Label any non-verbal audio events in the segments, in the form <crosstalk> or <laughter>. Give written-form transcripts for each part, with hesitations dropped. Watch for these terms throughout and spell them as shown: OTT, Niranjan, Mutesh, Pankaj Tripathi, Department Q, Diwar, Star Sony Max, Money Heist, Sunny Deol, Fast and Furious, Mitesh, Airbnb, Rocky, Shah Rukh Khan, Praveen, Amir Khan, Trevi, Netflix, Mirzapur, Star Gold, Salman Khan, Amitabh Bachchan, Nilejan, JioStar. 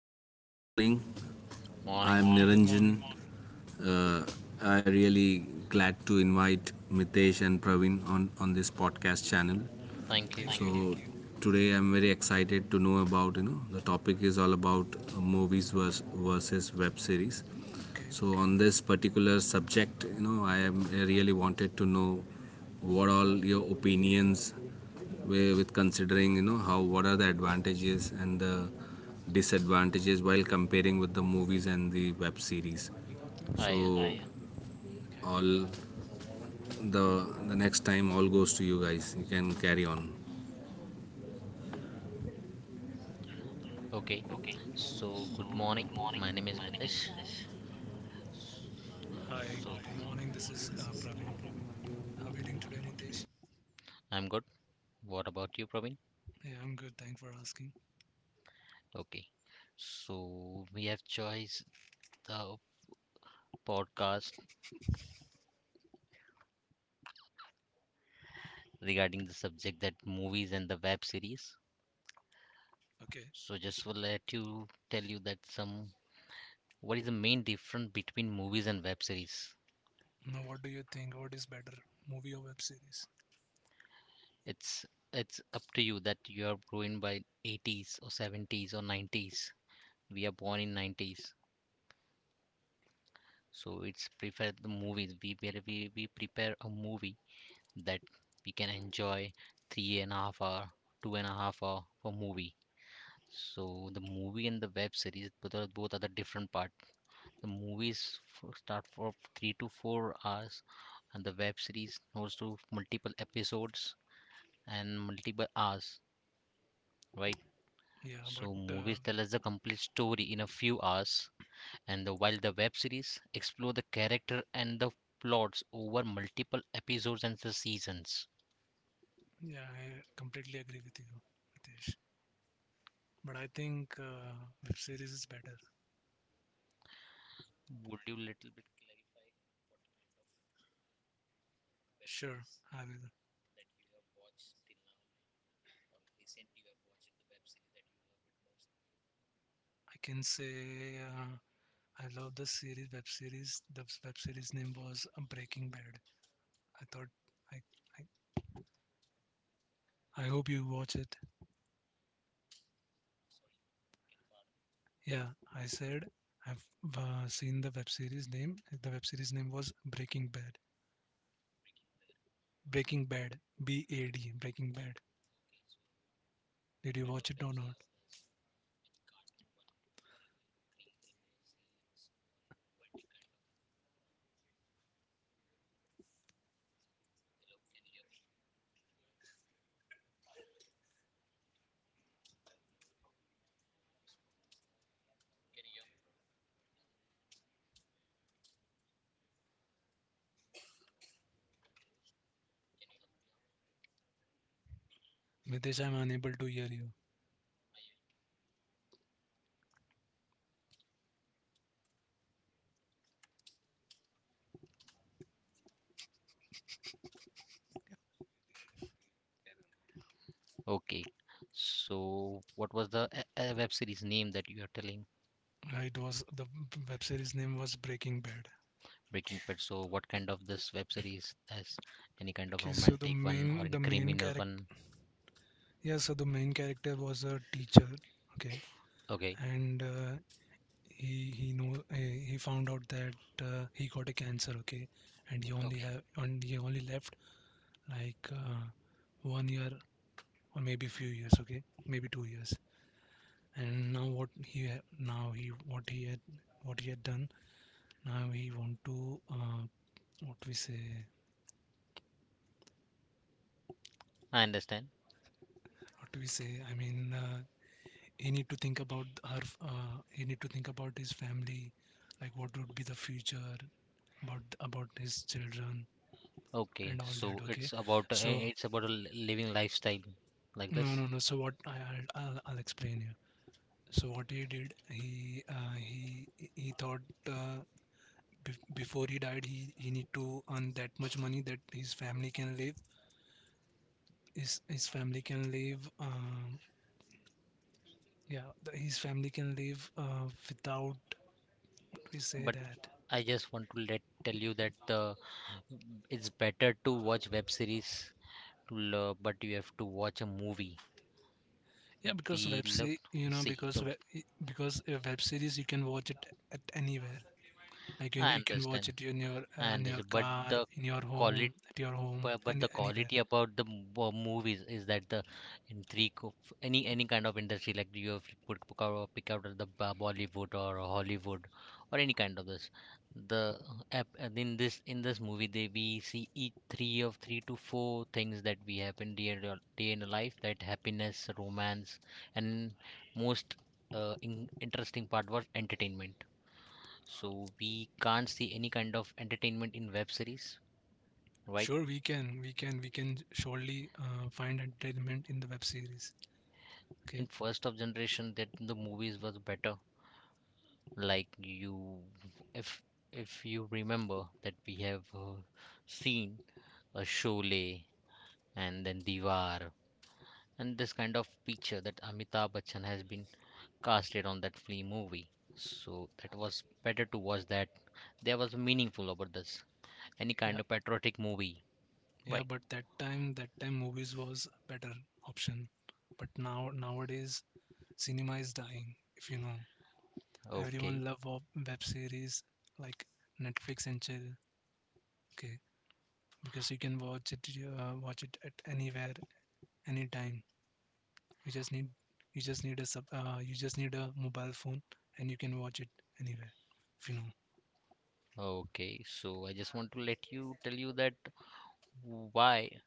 Yeah, hi, good morning. I'm Morning. Good morning. Niranjan. Uh, I really glad to invite Mitesh and Praveen on this podcast channel. Thank you. Thank you. So today I'm very excited to know about, you know, the topic is all about movies versus web series. Okay. So on this particular subject, you know, I really wanted to know what all your opinions were with considering, you know, how what are the advantages and the disadvantages while comparing with the movies and the web series. I So Okay. all the the next time all goes to you guys. You can carry on. okay. So good morning. My name is Mitesh. S- Hi. So Good morning. This is Praveen. How are you doing today, Mutesh? I'm good. What about you, Praveen? Yeah, I'm good. Thanks for asking. Okay. So we have choice the podcast regarding the subject that movies and the web series. Okay. So just will let you tell you that some what is the main difference between movies and web series. Now, what do you think? What is better, movie or web series? It's it's up to you that you are growing by 80s or 70s or 90s. We are born in 90s. So it's prefer the movies. We prepare a movie that we can enjoy 3.5 hours, 2.5 hours for movie. So the movie and the web series both are the different part. The movies start for 3 to 4 hours, and the web series goes to multiple episodes and multiple hours, right? Yeah, but So movies tell us the complete story in a few hours, and while the web series explore the character and the plots over multiple episodes and the seasons. yeah, I completely agree with you, Mutesh. But I think web series is better. Would you little bit? Sure, I will. I can say I love the series, web series. The web series name was Breaking Bad. I thought I, I hope you watch it. Yeah, I said I've seen the web series name. The web series name was Breaking Bad. Breaking Bad, B A D, Breaking Bad. Did you watch it or not? Mitesh, I'm unable to hear you. Okay, so what was the web series name that you are telling? It was the web series name was Breaking Bad. Breaking Bad? So what kind of this web series has, any kind of Okay, so romantic one or any the main criminal character one? yeah, so the main character was a teacher. Okay, Okay, and he found out that he got a cancer. Okay, and okay, he only left, like, one year, or maybe few years, okay, maybe 2 years. And now now he what he had done. Now he want to what we say I understand. what we say I mean, he need to think about her, he need to think about his family, like what would be the future about his children Okay, and all that. so Okay, so, it's about a living lifestyle like no this. no no so what I, I'll explain you. So what he did, he, he thought, before he died he need to earn that much money that his family can live, his family can live, yeah, his family can live, without, what we say But that, I just want to let tell you that the it's better to watch web series, but you have to watch a movie. yeah, because We web love se- you know see the. Because a web series you can watch it at anywhere, like, you, I you can watch understand. it in your, I in your understand, but car, the in your quality home, at your home, but and the anywhere. quality about the movies is that the intrigue of any kind of industry, like you have put pick out the Bollywood or Hollywood or any kind of this the app and in this movie they we see each three of three to four things that we happen day in our life: that happiness, romance, and most interesting part was entertainment. So we can't see any kind of entertainment in web series, right? Sure, we can surely find entertainment in the web series. In Okay. first of generation that the movies was better. Like you, if you remember that we have seen a Sholay and then Diwar, and this kind of picture that Amitabh Bachchan has been casted on that flea movie. So that was better to watch that. There was meaningful about this, any kind Yeah, of patriotic movie, yeah, right? but that time movies was better option. But now, nowadays, cinema is dying, if you know. Everyone Okay, love of web series like Netflix and chill. Okay, because you can watch it, at anywhere, anytime. You just need, you just need a sub, you just need a mobile phone, and you can watch it anywhere. If you know. okay, so I just want to let you tell you that why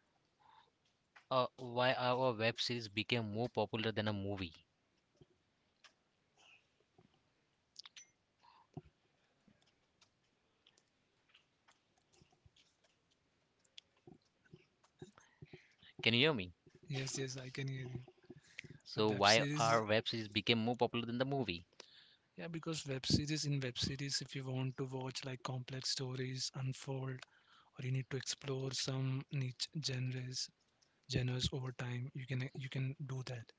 why our web series became more popular than a movie. Can you hear me? Yes, yes, I can hear you. So The web why series, our web series became more popular than the movie? yeah, because web series, if you want to watch, like, complex stories unfold, or you need to explore some niche genres, over time, you can, do that.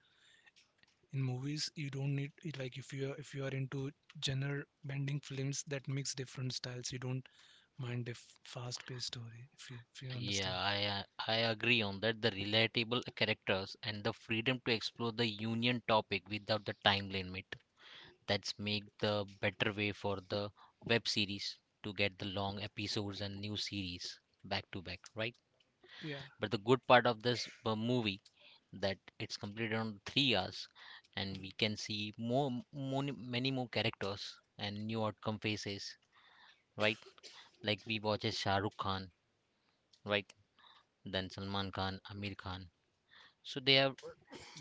In movies, you don't need it, like, if you are, if you are into genre bending films that mix different styles, you don't mind a fast-paced story. If you, Yeah, understand, I agree on that. The relatable characters and the freedom to explore the union topic without the time limit, that's make the better way for the web series to get the long episodes and new series back to back, right? yeah. But the good part of this movie that it's completed on 3 hours, and we can see more, more many more characters and new outcome faces, right? Like we watches Shah Rukh Khan, right? Then Salman Khan, Amir Khan. So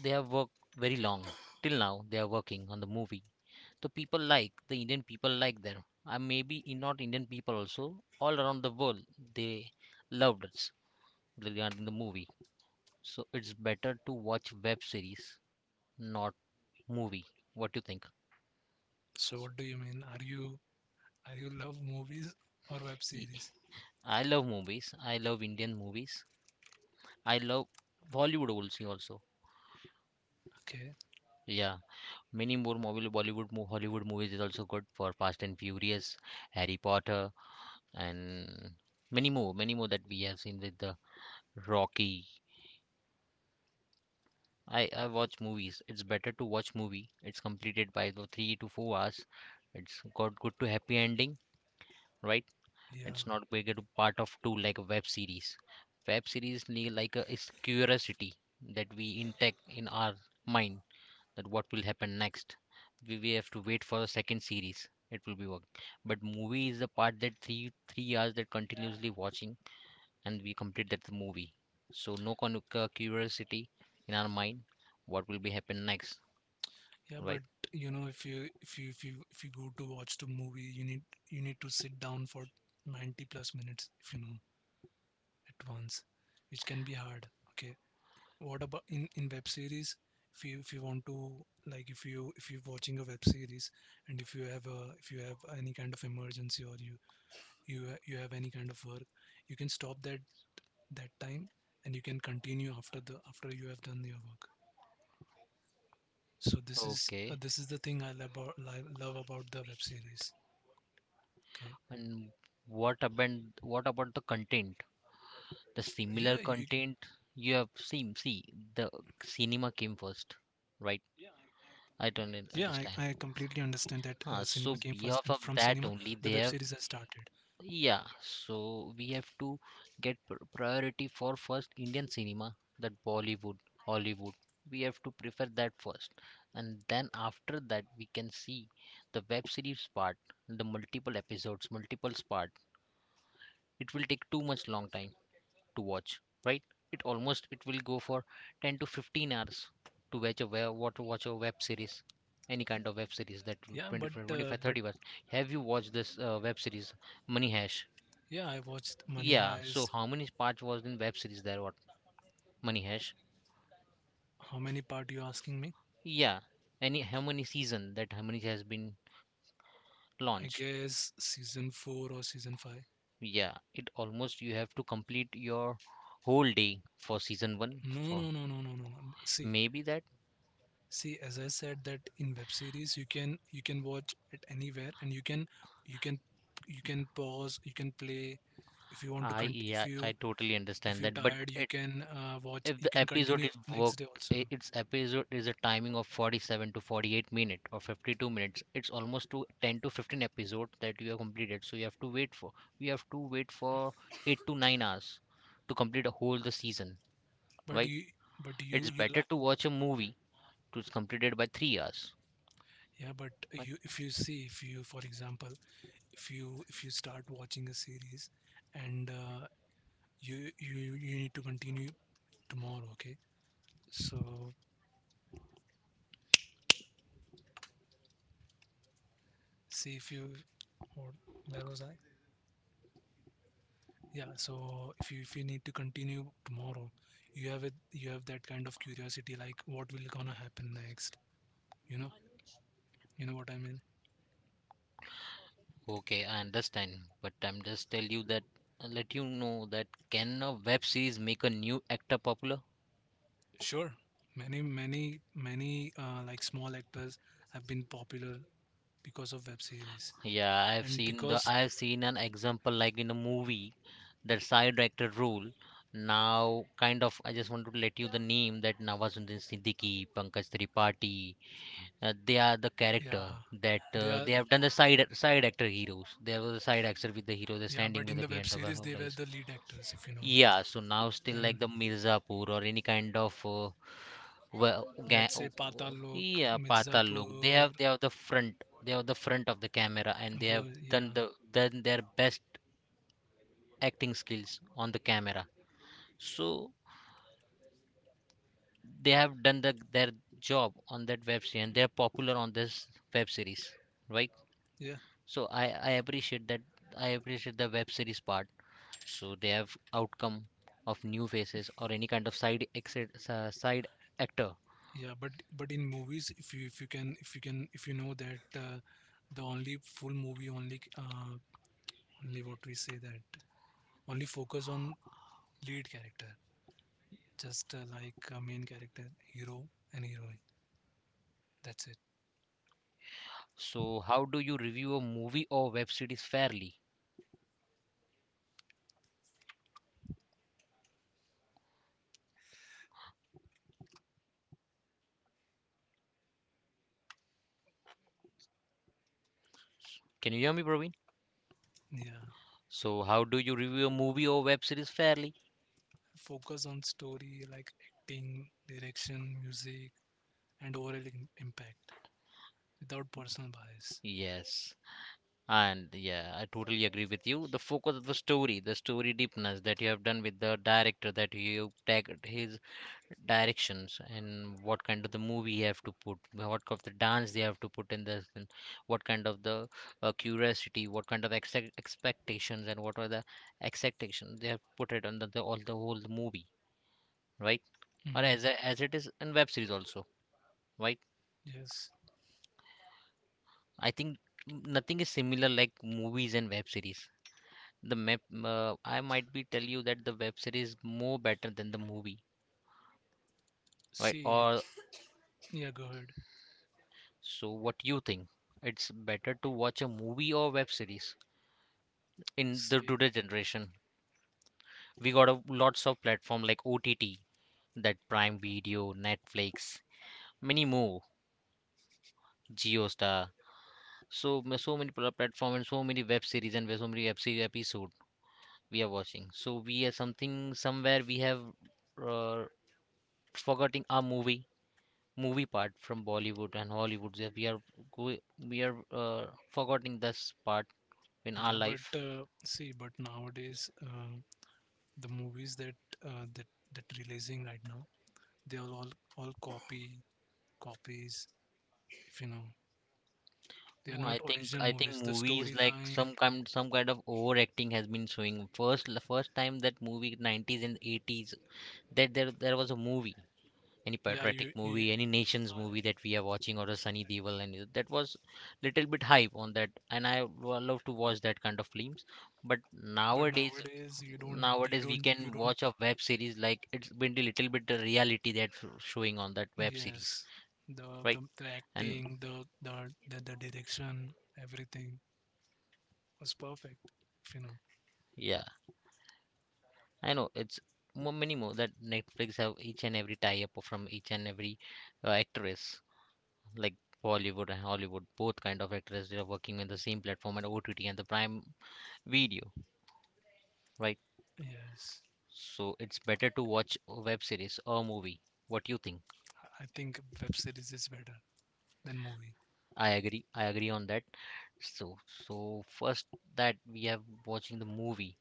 they have worked very long. Till now they are working on the movie. So people like the Indian people like them, and maybe in not Indian people also, all around the world, they loved us regarding the movie. So it's better to watch web series, not movie. What do you think? So what do you mean? Are you, love movies or web Ye- series? I love movies. I love Indian movies. I love Bollywood also. Also, Okay, yeah, many more movie Bollywood, Hollywood movies is also good, for Fast and Furious, Harry Potter, and many more that we have seen, with the Rocky. I watch movies. It's better to watch movie. It's completed by the 3 to 4 hours. It's got good to happy ending, right? yeah. It's not big into part of two like a web series. Web series need like a is curiosity that we intake in our mind, that what will happen next. We have to wait for the second series. It will be work. But movie is the part that three hours, that continuously watching and we complete that movie. So no curiosity in our mind, what will be happen next, Yeah, but right? you know, if you go to watch the movie, you need to sit down for 90+ minutes, if you know, at once, which can be hard. Okay. What about in, web series? If you want to, like, if you're watching a web series, and if you have a, if you have any kind of emergency, or you, you have any kind of work, you can stop that, that time, and you can continue after the after you have done your work. So this is, uh, Okay. this is the thing I love about, love about the web series. Okay. And what about the content, the Yeah, similar you, content? You have see the cinema came first, right? yeah, I I completely don't understand that, understand. Cinema came first, Huh, and from so cinema, behalf of the that web series only has they have. started. Yeah, so we have to get priority for first Indian cinema, that Bollywood, Hollywood. We have to prefer that first, and then after that we can see the web series part, the multiple episodes, multiple part. It will take too much long time to watch, right? It almost, it will go for 10 to 15 hours to watch a web, what, watch a web series. Any kind of web series that will Yeah, but, 25 25 30 hours. Have you watched this web series Money Hash? yeah, I watched Money Yeah, so Heist. how many parts was in web series there, what, Money Hash? How many part you asking me? Yeah, any, how many season, that how many has been I launched? guess season 4 or season 5. Yeah, it almost you have to complete your whole day for season 1, No, for no, no, no, no, no, no. See. maybe that. See, as I said that in web series you can, watch it anywhere, and you can, you can pause, you can play. If you want to I, cont yeah, I you totally understand if if you're that, tired, but you it, can, watch if you the can episode continue is work, next day I- also. its episode is a timing of 47 to 48 minute or 52 minutes. It's almost to 10 to 15 episode that you have completed. So you have to wait for, we have to wait for 8 to 9 hours to complete a whole the season, But right? you, It's better like, to watch a movie, to complete completed by 3 hours, yeah, but right? you, if you see, if you, for example, if you start watching a series, and you need to continue tomorrow, okay. So, see, if you what where was I? Yeah, so if you, need to continue tomorrow, you have that kind of curiosity, like, what will gonna happen next? You know, you know what I mean? Okay, I understand, but I'm just tell you that let you know, that can a web series make a new actor popular? Sure. Many like, small actors have been popular because of web series. Yeah, I've And, seen the, because, I've seen an example like in a movie that side actor role. Now, kind of, I just want to let you the name, that Nawazuddin Siddiqui, Pankaj Tripathi, they are the yeah, character that they are, they have done the side actor heroes. They were the side actor with the hero. They're yeah, standing but with in the the web behind the series they were warehouse. the lead actors, if you know. Yeah, so now still like And the Mirzapur or any kind of Well, let's say Patal Lok, yeah, Pata Look. Mirzapur. They have the front. They have the front of the camera, and they have Well, done yeah, the done their best acting skills on the camera. So they have done the, their job on that web series, and they're popular on this web series, right? yeah, So I appreciate that. I appreciate the web series part. So they have outcome of new faces or any kind of side actor. yeah. But, in movies, if you know that, the, only full movie only only what we say that only focus on lead character, just, like, main character, hero and heroine. That's it. So how do you review a movie or web series fairly? Can you hear me, Praveen? Yeah, So, how do you review a movie or web series fairly? focus on story, like acting, direction, music, and overall impact without personal bias. Yes. And yeah, I totally agree with you. The focus of the story deepness that you have done with the director, that you tagged his directions, and what kind of the movie you have to put, what kind of the dance they have to put in this, and what kind of the curiosity, what kind of expectations, and what are the expectations they have put it on the all the whole movie, right? Or Mhm. As it is in web series also, right? Yes. I think nothing is similar like movies and web series. The map, I might be tell you that the web series more better than the movie, right? See, Or yeah, go ahead. so what you think? It's better to watch a movie or web series in the See, today generation. We got a, lots of platform like OTT, that Prime Video, Netflix, many more, JioStar. So so many platform, and so many web series, and so many web series episode we are watching. So we are something somewhere we have. uh, Forgetting our movie part from Bollywood and Hollywood. Yeah, we are go- we are forgetting this part in our yeah, life. but, see, but nowadays, the movies that, uh, that that releasing right now, they are all copy copies. If you know, they are No, I not think original movies. The movies like storyline, some kind of overacting has been showing. First the first time that movie 90s and 80s, that there was a movie, any yeah, patriotic you, movie, any nations movie that we are watching, or a Sunny Deol, and that was little bit hype on that, and I love to watch that kind of films. But but nowadays, nowadays you don't you nowadays, we don't you can don't watch a web series, like it's been a little bit the reality that's showing on that web series, Yes, the right? the And acting, the direction, everything was perfect. If you know, yeah, I know it's many more that Netflix have each and every tie-up from each and every actress, like Bollywood and Hollywood, both kind of actors, they are working in the same platform and OTT and the Prime Video, right? yes, So it's better to watch a web series or movie. What you think? I think web series is better than movie. I agree. I agree on that. So, so first that we have watching the movie.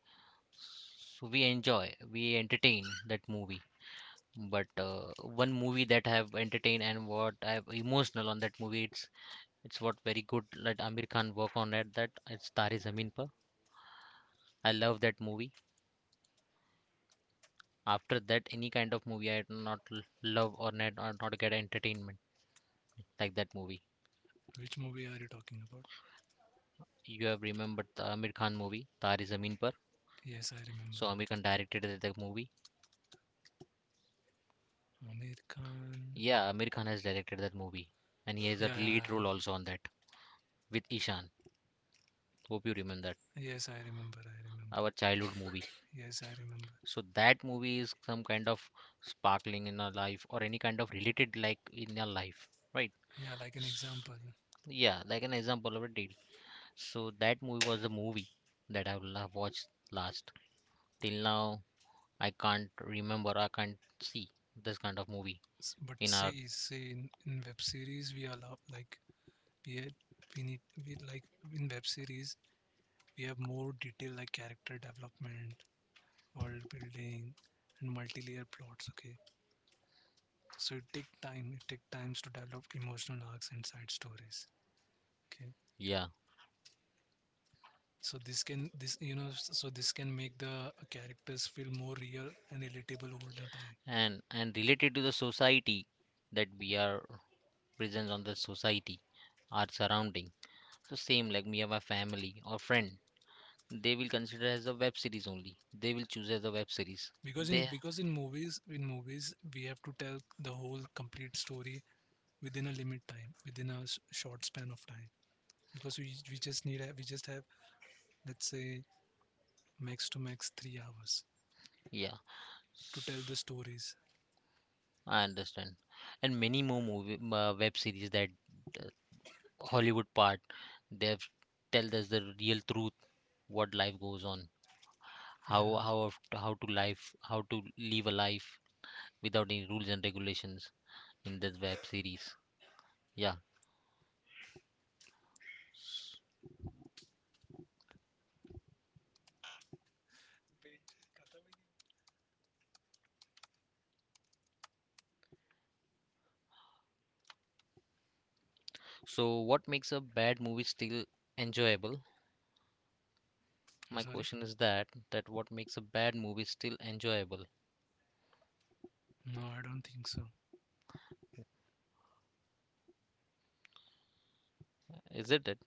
So we enjoy, we entertain that movie. But one movie that have entertained and what I have emotional on that movie, it's what very good that Amir Khan work on at that. It's Tare Zameen Par. I love that movie. After that, any kind of movie I do not love or not get entertainment like that movie. Which movie are you talking about? You have remembered the Amir Khan movie Tare Zameen Par. Yes, I remember. So Amir Khan directed that movie. Amir Khan. Yeah, Amir Khan has directed that movie, and he has a Yeah, yeah, lead yeah. role also on that with Ishan. Hope you remember that. Yes, I remember. I remember. Our childhood movie. Yes, I remember. So that movie is some kind of sparkling in our life or any kind of related like in our life, right? Yeah, like an S- example. Yeah, like an example of a date. So that movie was the movie that I have watched last. Till now, I can't remember. I can't see this kind of movie But in our see, in, web series we allow, like, we had- we need we like in web series we have more detail, like character development, world building, and multi-layer plots, okay. So it take times to develop emotional arcs and side stories, okay. yeah, So this can this you know so this can make the characters feel more real and relatable over the time. and related to the society that we are present on the society, our surrounding. So same like me and my family or friend they will consider as a web series only. They will choose as a web series. because in They, because in movies in movies we have to tell the whole complete story within a short span of time. Because, we just have, let's say, max to max 3 hours yeah, to tell the stories. I understand. And many more movie web series that uh, Hollywood part they have tell us the real truth what life goes on, how Yeah, how how to life how to live a life without any rules and regulations in this web series. Yeah. So what makes a bad movie still enjoyable? I'm My sorry. question is that that what makes a bad movie still enjoyable? No, I don't think so. Is it?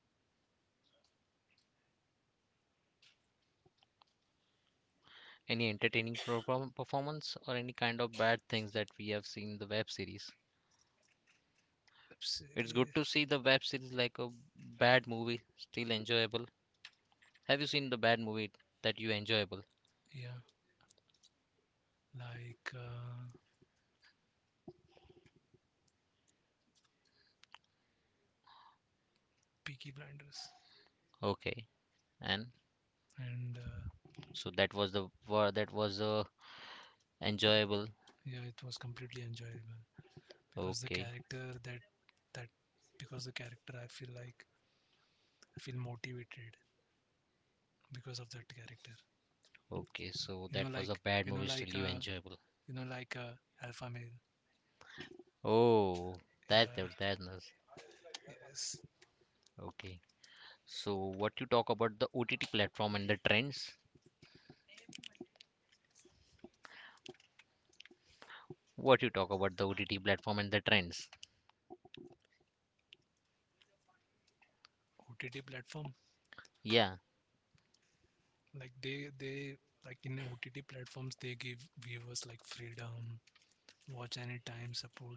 Any entertaining performance or any kind of bad things that we have seen in the web series. Web It's good series. to see the web series like a bad movie, still enjoyable. Have you seen the bad movie that you enjoyable? Yeah, like, Peaky Blinders, Okay, and and, so that was the word that was enjoyable. yeah, it was completely enjoyable because the Okay, character, that because the character I feel like I feel motivated because of that character. okay, so You know, that was a like bad movie, still like, you enjoyable. Like, alpha male. Oh, that's Yeah, there, that's nice. yes. Okay, so what you talk about the OTT platform and the trends? What you talk about the OTT platform and the trends? OTT platform. Yeah. Like, they, like, in OTT platforms they give viewers, like, freedom, watch anytime, support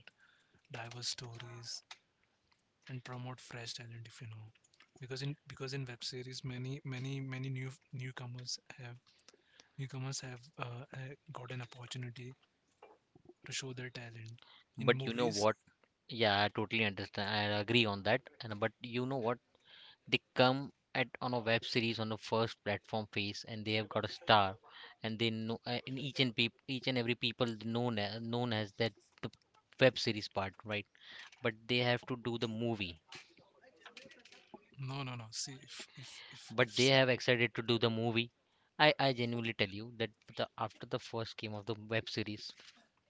diverse stories, and promote fresh talent, if you know. Because in web series, many new newcomers have, got an opportunity to show their talent. In But you know movies, what? Yeah, I totally understand. I agree on that. And but you know what? They come at on a web series on the first platform phase, and they have got a star, and they know in each and peop, each and every people known as that the web series part, right? But they have to do the movie. no, no, no. See, if But they have excited to do the movie. I genuinely tell you that the after the first game of the web series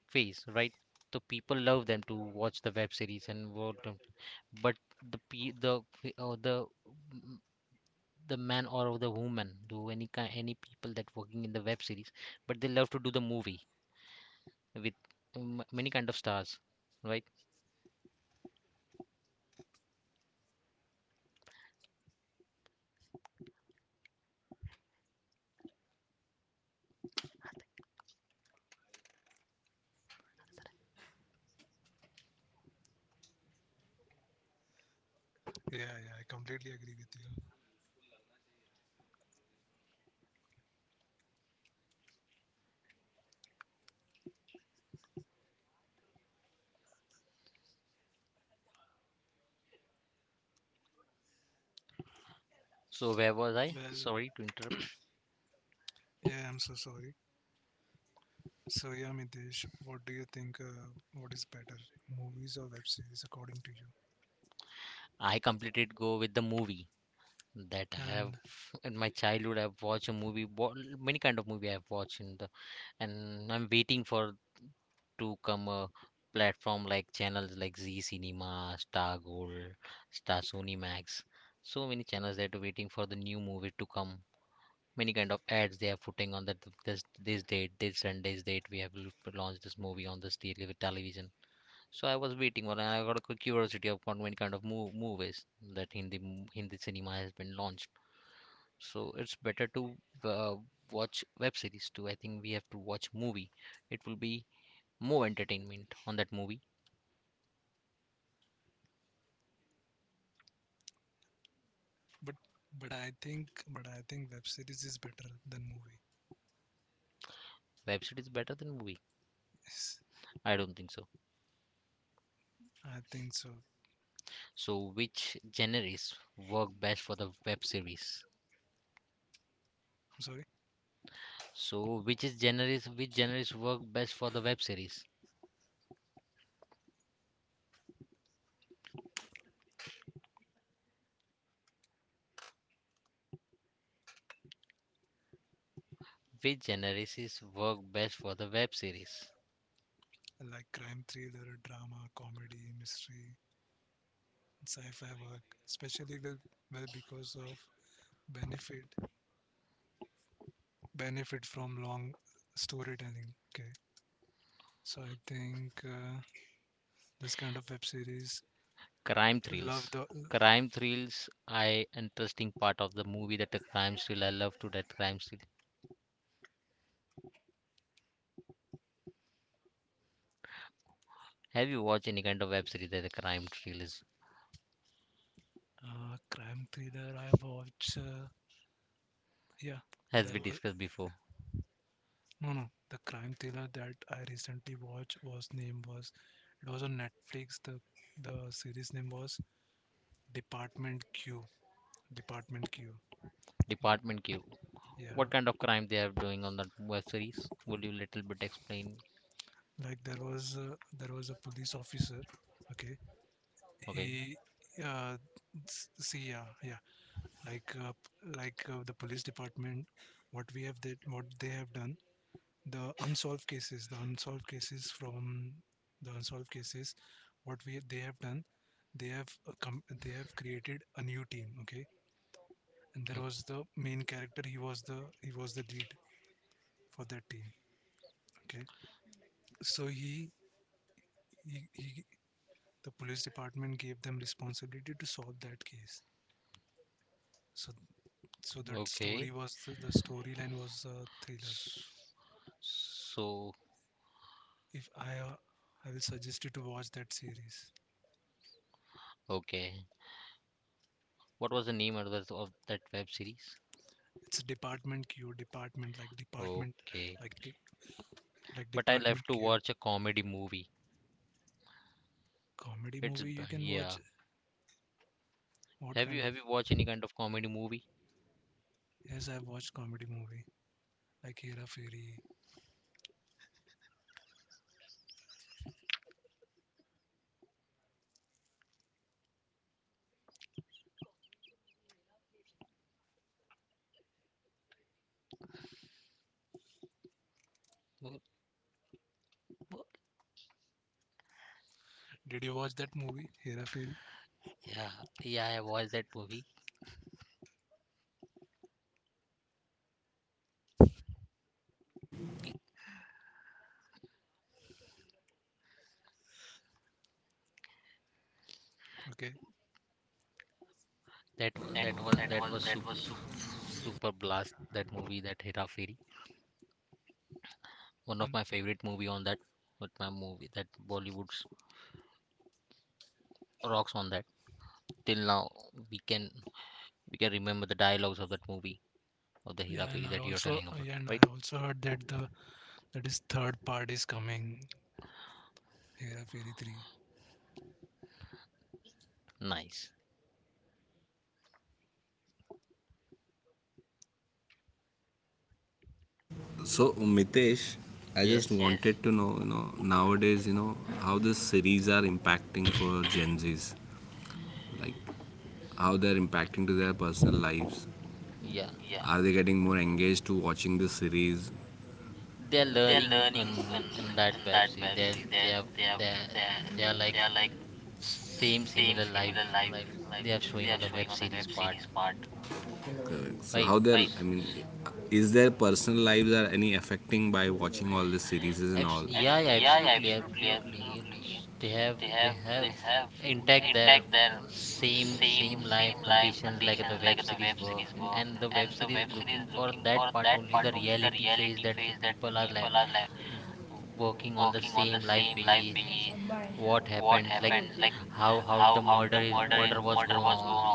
phase, right? So people love them to watch the web series and what but the pe the or the the man or the woman do any kind any people that working in the web series but they love to do the movie with many kind of stars right yeah, yeah, I completely agree with you. so where was I Well, sorry to interrupt yeah, I'm so sorry. So, yeah, Mitesh, what do you think? What is better, movies or web series, according to you? I completed go with the movie that I have And <laughs> in my childhood I've watched a movie many kind of movie I've watched in the and I'm waiting for to come a platform like channels like Z Cinema, Star Gold, Star Sony Max. So many channels that are waiting for the new movie to come. Many kind of ads they are putting on that this date, this Sunday's date we have launched this movie on this television. So I was waiting for and I got a curiosity of what many kind of movies that Hindi Hindi cinema has been launched. So it's better to uh, watch web series too. I think we have to watch movie. It will be more entertainment on that movie. but but I think web series is better than movie. Web series better than movie? Yes, I don't think so. I think so. I'm So which genres work best for the web series? sorry, So which is genres which genres work best for the web series? Which genres is work best for the web series? I like crime thriller, drama, comedy, mystery, sci-fi work, especially well because of benefit benefit from long storytelling. Okay, so I think, this kind of web series Crime love thrills. the, Crime thrills, I interesting part of the movie that the crime thrill. I love to that crime thrill. Have you watched any kind of web series that the crime trail is, crime thriller I watch. Yeah, as there we was, discussed before? no, no. The crime thriller that I recently watched was, name was, it was on Netflix. The series name was Department Q. Department Q. Department Q. Yeah, What kind of crime they are doing on that web series? Would you little bit explain? like, there was a, police officer. Okay, Okay. he, uh see, yeah, yeah, like, the police department, what they have done, the unsolved cases, the unsolved cases from the unsolved cases, what we they have done, they have created a new team. Okay, and there Okay. was the main character. He was the, he was the lead for that team. Okay, so, he the police department gave them responsibility to solve that case. So so that story Okay. was, the storyline was a thriller. S- So, If I I will suggest you to watch that series. okay. What was the name of that web series? It's a Department Queue, department, like department, Okay. like like But I love Department to Queue. watch a comedy movie. Comedy movie, you can watch. Yeah. What Have you kind of? have you watched any kind of comedy movie? Yes, I've watched comedy movie like Hera Fairy. Oh, oh, Did you watch that movie Hera Fairy? yeah, yeah, I watched that movie. Okay. That was That that was was that that was was super that was super. super blast that movie that Hera Fairy. One of Um, my favorite movie on that. But my movie that Bollywood's rocks on that. Till now we can we can remember the dialogues of that movie of the yeah, Hera Fairy and I that you're also telling uh, about, yeah, and right? I also heard that the that is third part is coming, Hera Fairy 3. Nice. So Mitesh, I just yes, Yes. wanted to know, you know, nowadays, you know, how the series are impacting for Gen Zs, like how they're impacting to their personal lives. Yeah. Yeah. Are they getting more engaged to watching the series? They're learning In in that web that series. web series, they They have have they they they are like they are like same same similar similar life life life like they are showing they are on the showing web on the series web part, series part. Correct. So right? how they're, like I mean, is their personal lives are any affecting by watching all the series and all? Yeah, yeah, absolutely, absolutely. It's, they have intact their same same life Life, conditions like the web series works, and the web series looking for that part only the reality phase that the people are like w- working on the same life base. What happens, like how the murder is murder was going on,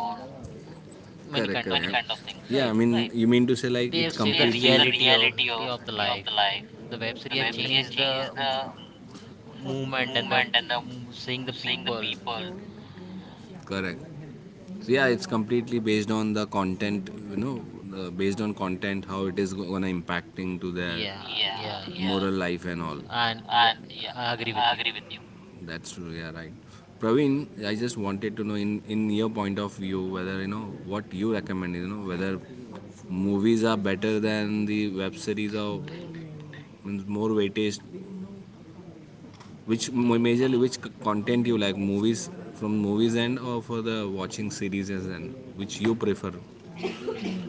many correct, kind of correct. things, Yeah, I right? mean, you mean to say like They it, they see say the completely the reality of the life. life, The web the series changed the movement and the seeing the people. world. Correct. So yeah, it's completely based on the content, you know, the, based on content how it is gonna impacting to their, Yeah, yeah, yeah, yeah, moral life and all. and yeah, And I agree with I you. agree with you. That's true. Yeah, right. Praveen, I just wanted to know in your point of view whether you know what you recommend. You know whether movies are better than the web series or means more weightage. Which No, majorly which content you like, movies from movies end or for the watching series, and which you prefer.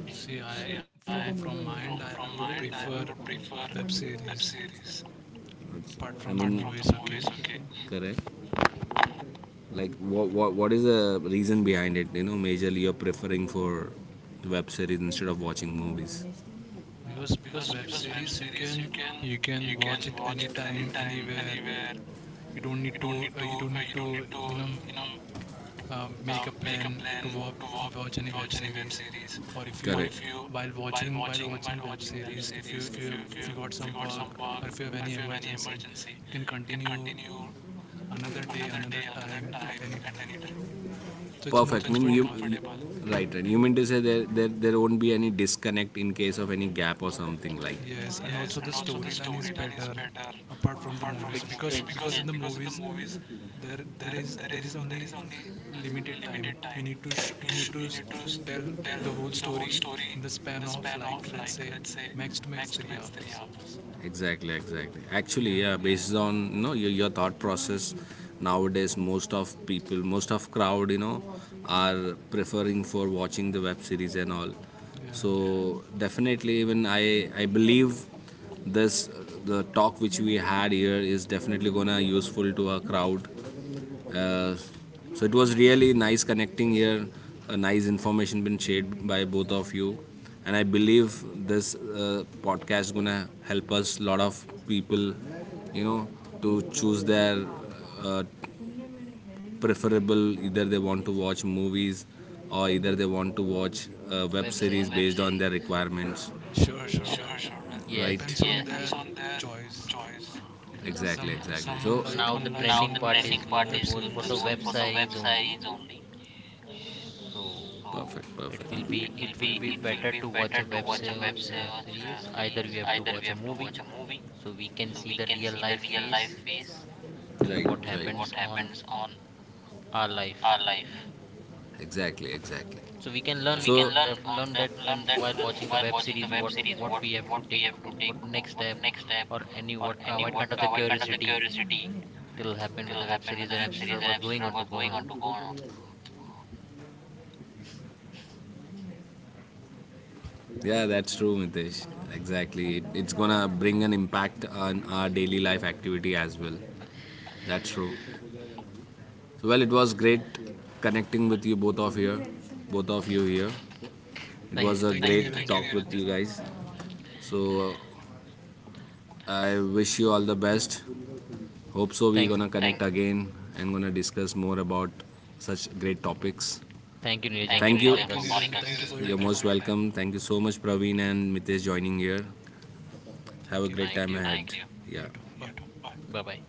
see, I, See, I from from my end, my I end, would I prefer prefer web that series is apart okay. I from the apart mean, movies. Okay, from correct. Like, what is the reason behind it? You know, majorly you're preferring for web series instead of watching movies. because, web series you can, watch it anytime anywhere. You don't need to, make um, a plan to watch any web movies. series, or if you Correct. while watching, web series, If if you, you, if you got if you some work, work or if you have at any emergency, agency, you can continue another day, another another time at time, at any time. a later. So it's more Perfect. So I it's mean, more you, comfortable. comfortable. Right, right. You mean to say there, there won't be any disconnect in case of any gap or something like. Yes, and Yes, also the and storyline is better apart from the movies, because, movies It's because in the movies, there there is there to is only limited time. You need to tell tell the whole the whole story story in the in span the of, span like, of, let's say, let's say, max to max 3 three hours. hours. Exactly, exactly, actually, Yeah, yeah, based on you know your thought process nowadays most of people, most of crowd, you know, are preferring for watching the web series and all. yeah. So definitely even I believe this, the talk which we had here is definitely gonna useful to our crowd. Uh, so it was really nice connecting here. A nice information been shared by both of you, and I believe this podcast gonna help us lot of people, you know, to choose their uh, preferable, either they want to watch movies or either they want to watch web web series series. based on their requirements. Sure, sure. Well, For sure, man. it Yes, Right? depends yes, on Yes. their Their choice. choice. yeah. Exactly, some exactly. Someone So like Now the someone like, movies, now trending the someone part like is art going web is goes for series. the web web series only. series only. So Perfect, perfect. it will It be will it will be be in better to watch a watch a God's series. Either we series, have to watch a movie with so we can see the real life the life face phase. and Right, what right. happens on Depends on our our life. life. Exactly, exactly. So we can So, learn on can learn learn that when, from that while watching the when web series what we have to we take have to or take what next one step step or any what to what kind of the avoid curiosity curiosity will happen with is the web series and an episode was going absolute on to go on. to go on. Yeah, that's true, Mitesh. Exactly. It, it's gonna bring an impact on our daily life activity as well. That's true. So, well, it was great connecting with you both of here, both of you here. It Thank was you, a thank thank Thank you you, you. great Niranjan. talk with you guys. So uh, I wish you all the best. Hope so we're Thank gonna connect thank again and gonna discuss more about such great topics. You, Thank Nilejan, for Thank you. calling you, us. Neha, Thank you for for- your you're time. most welcome. Thank you so much, Praveen and Mitesh, joining here. Have Thank a you. great Thank time you. ahead. Thank you. You Yeah. too. You too. Bye. Bye. Bye bye.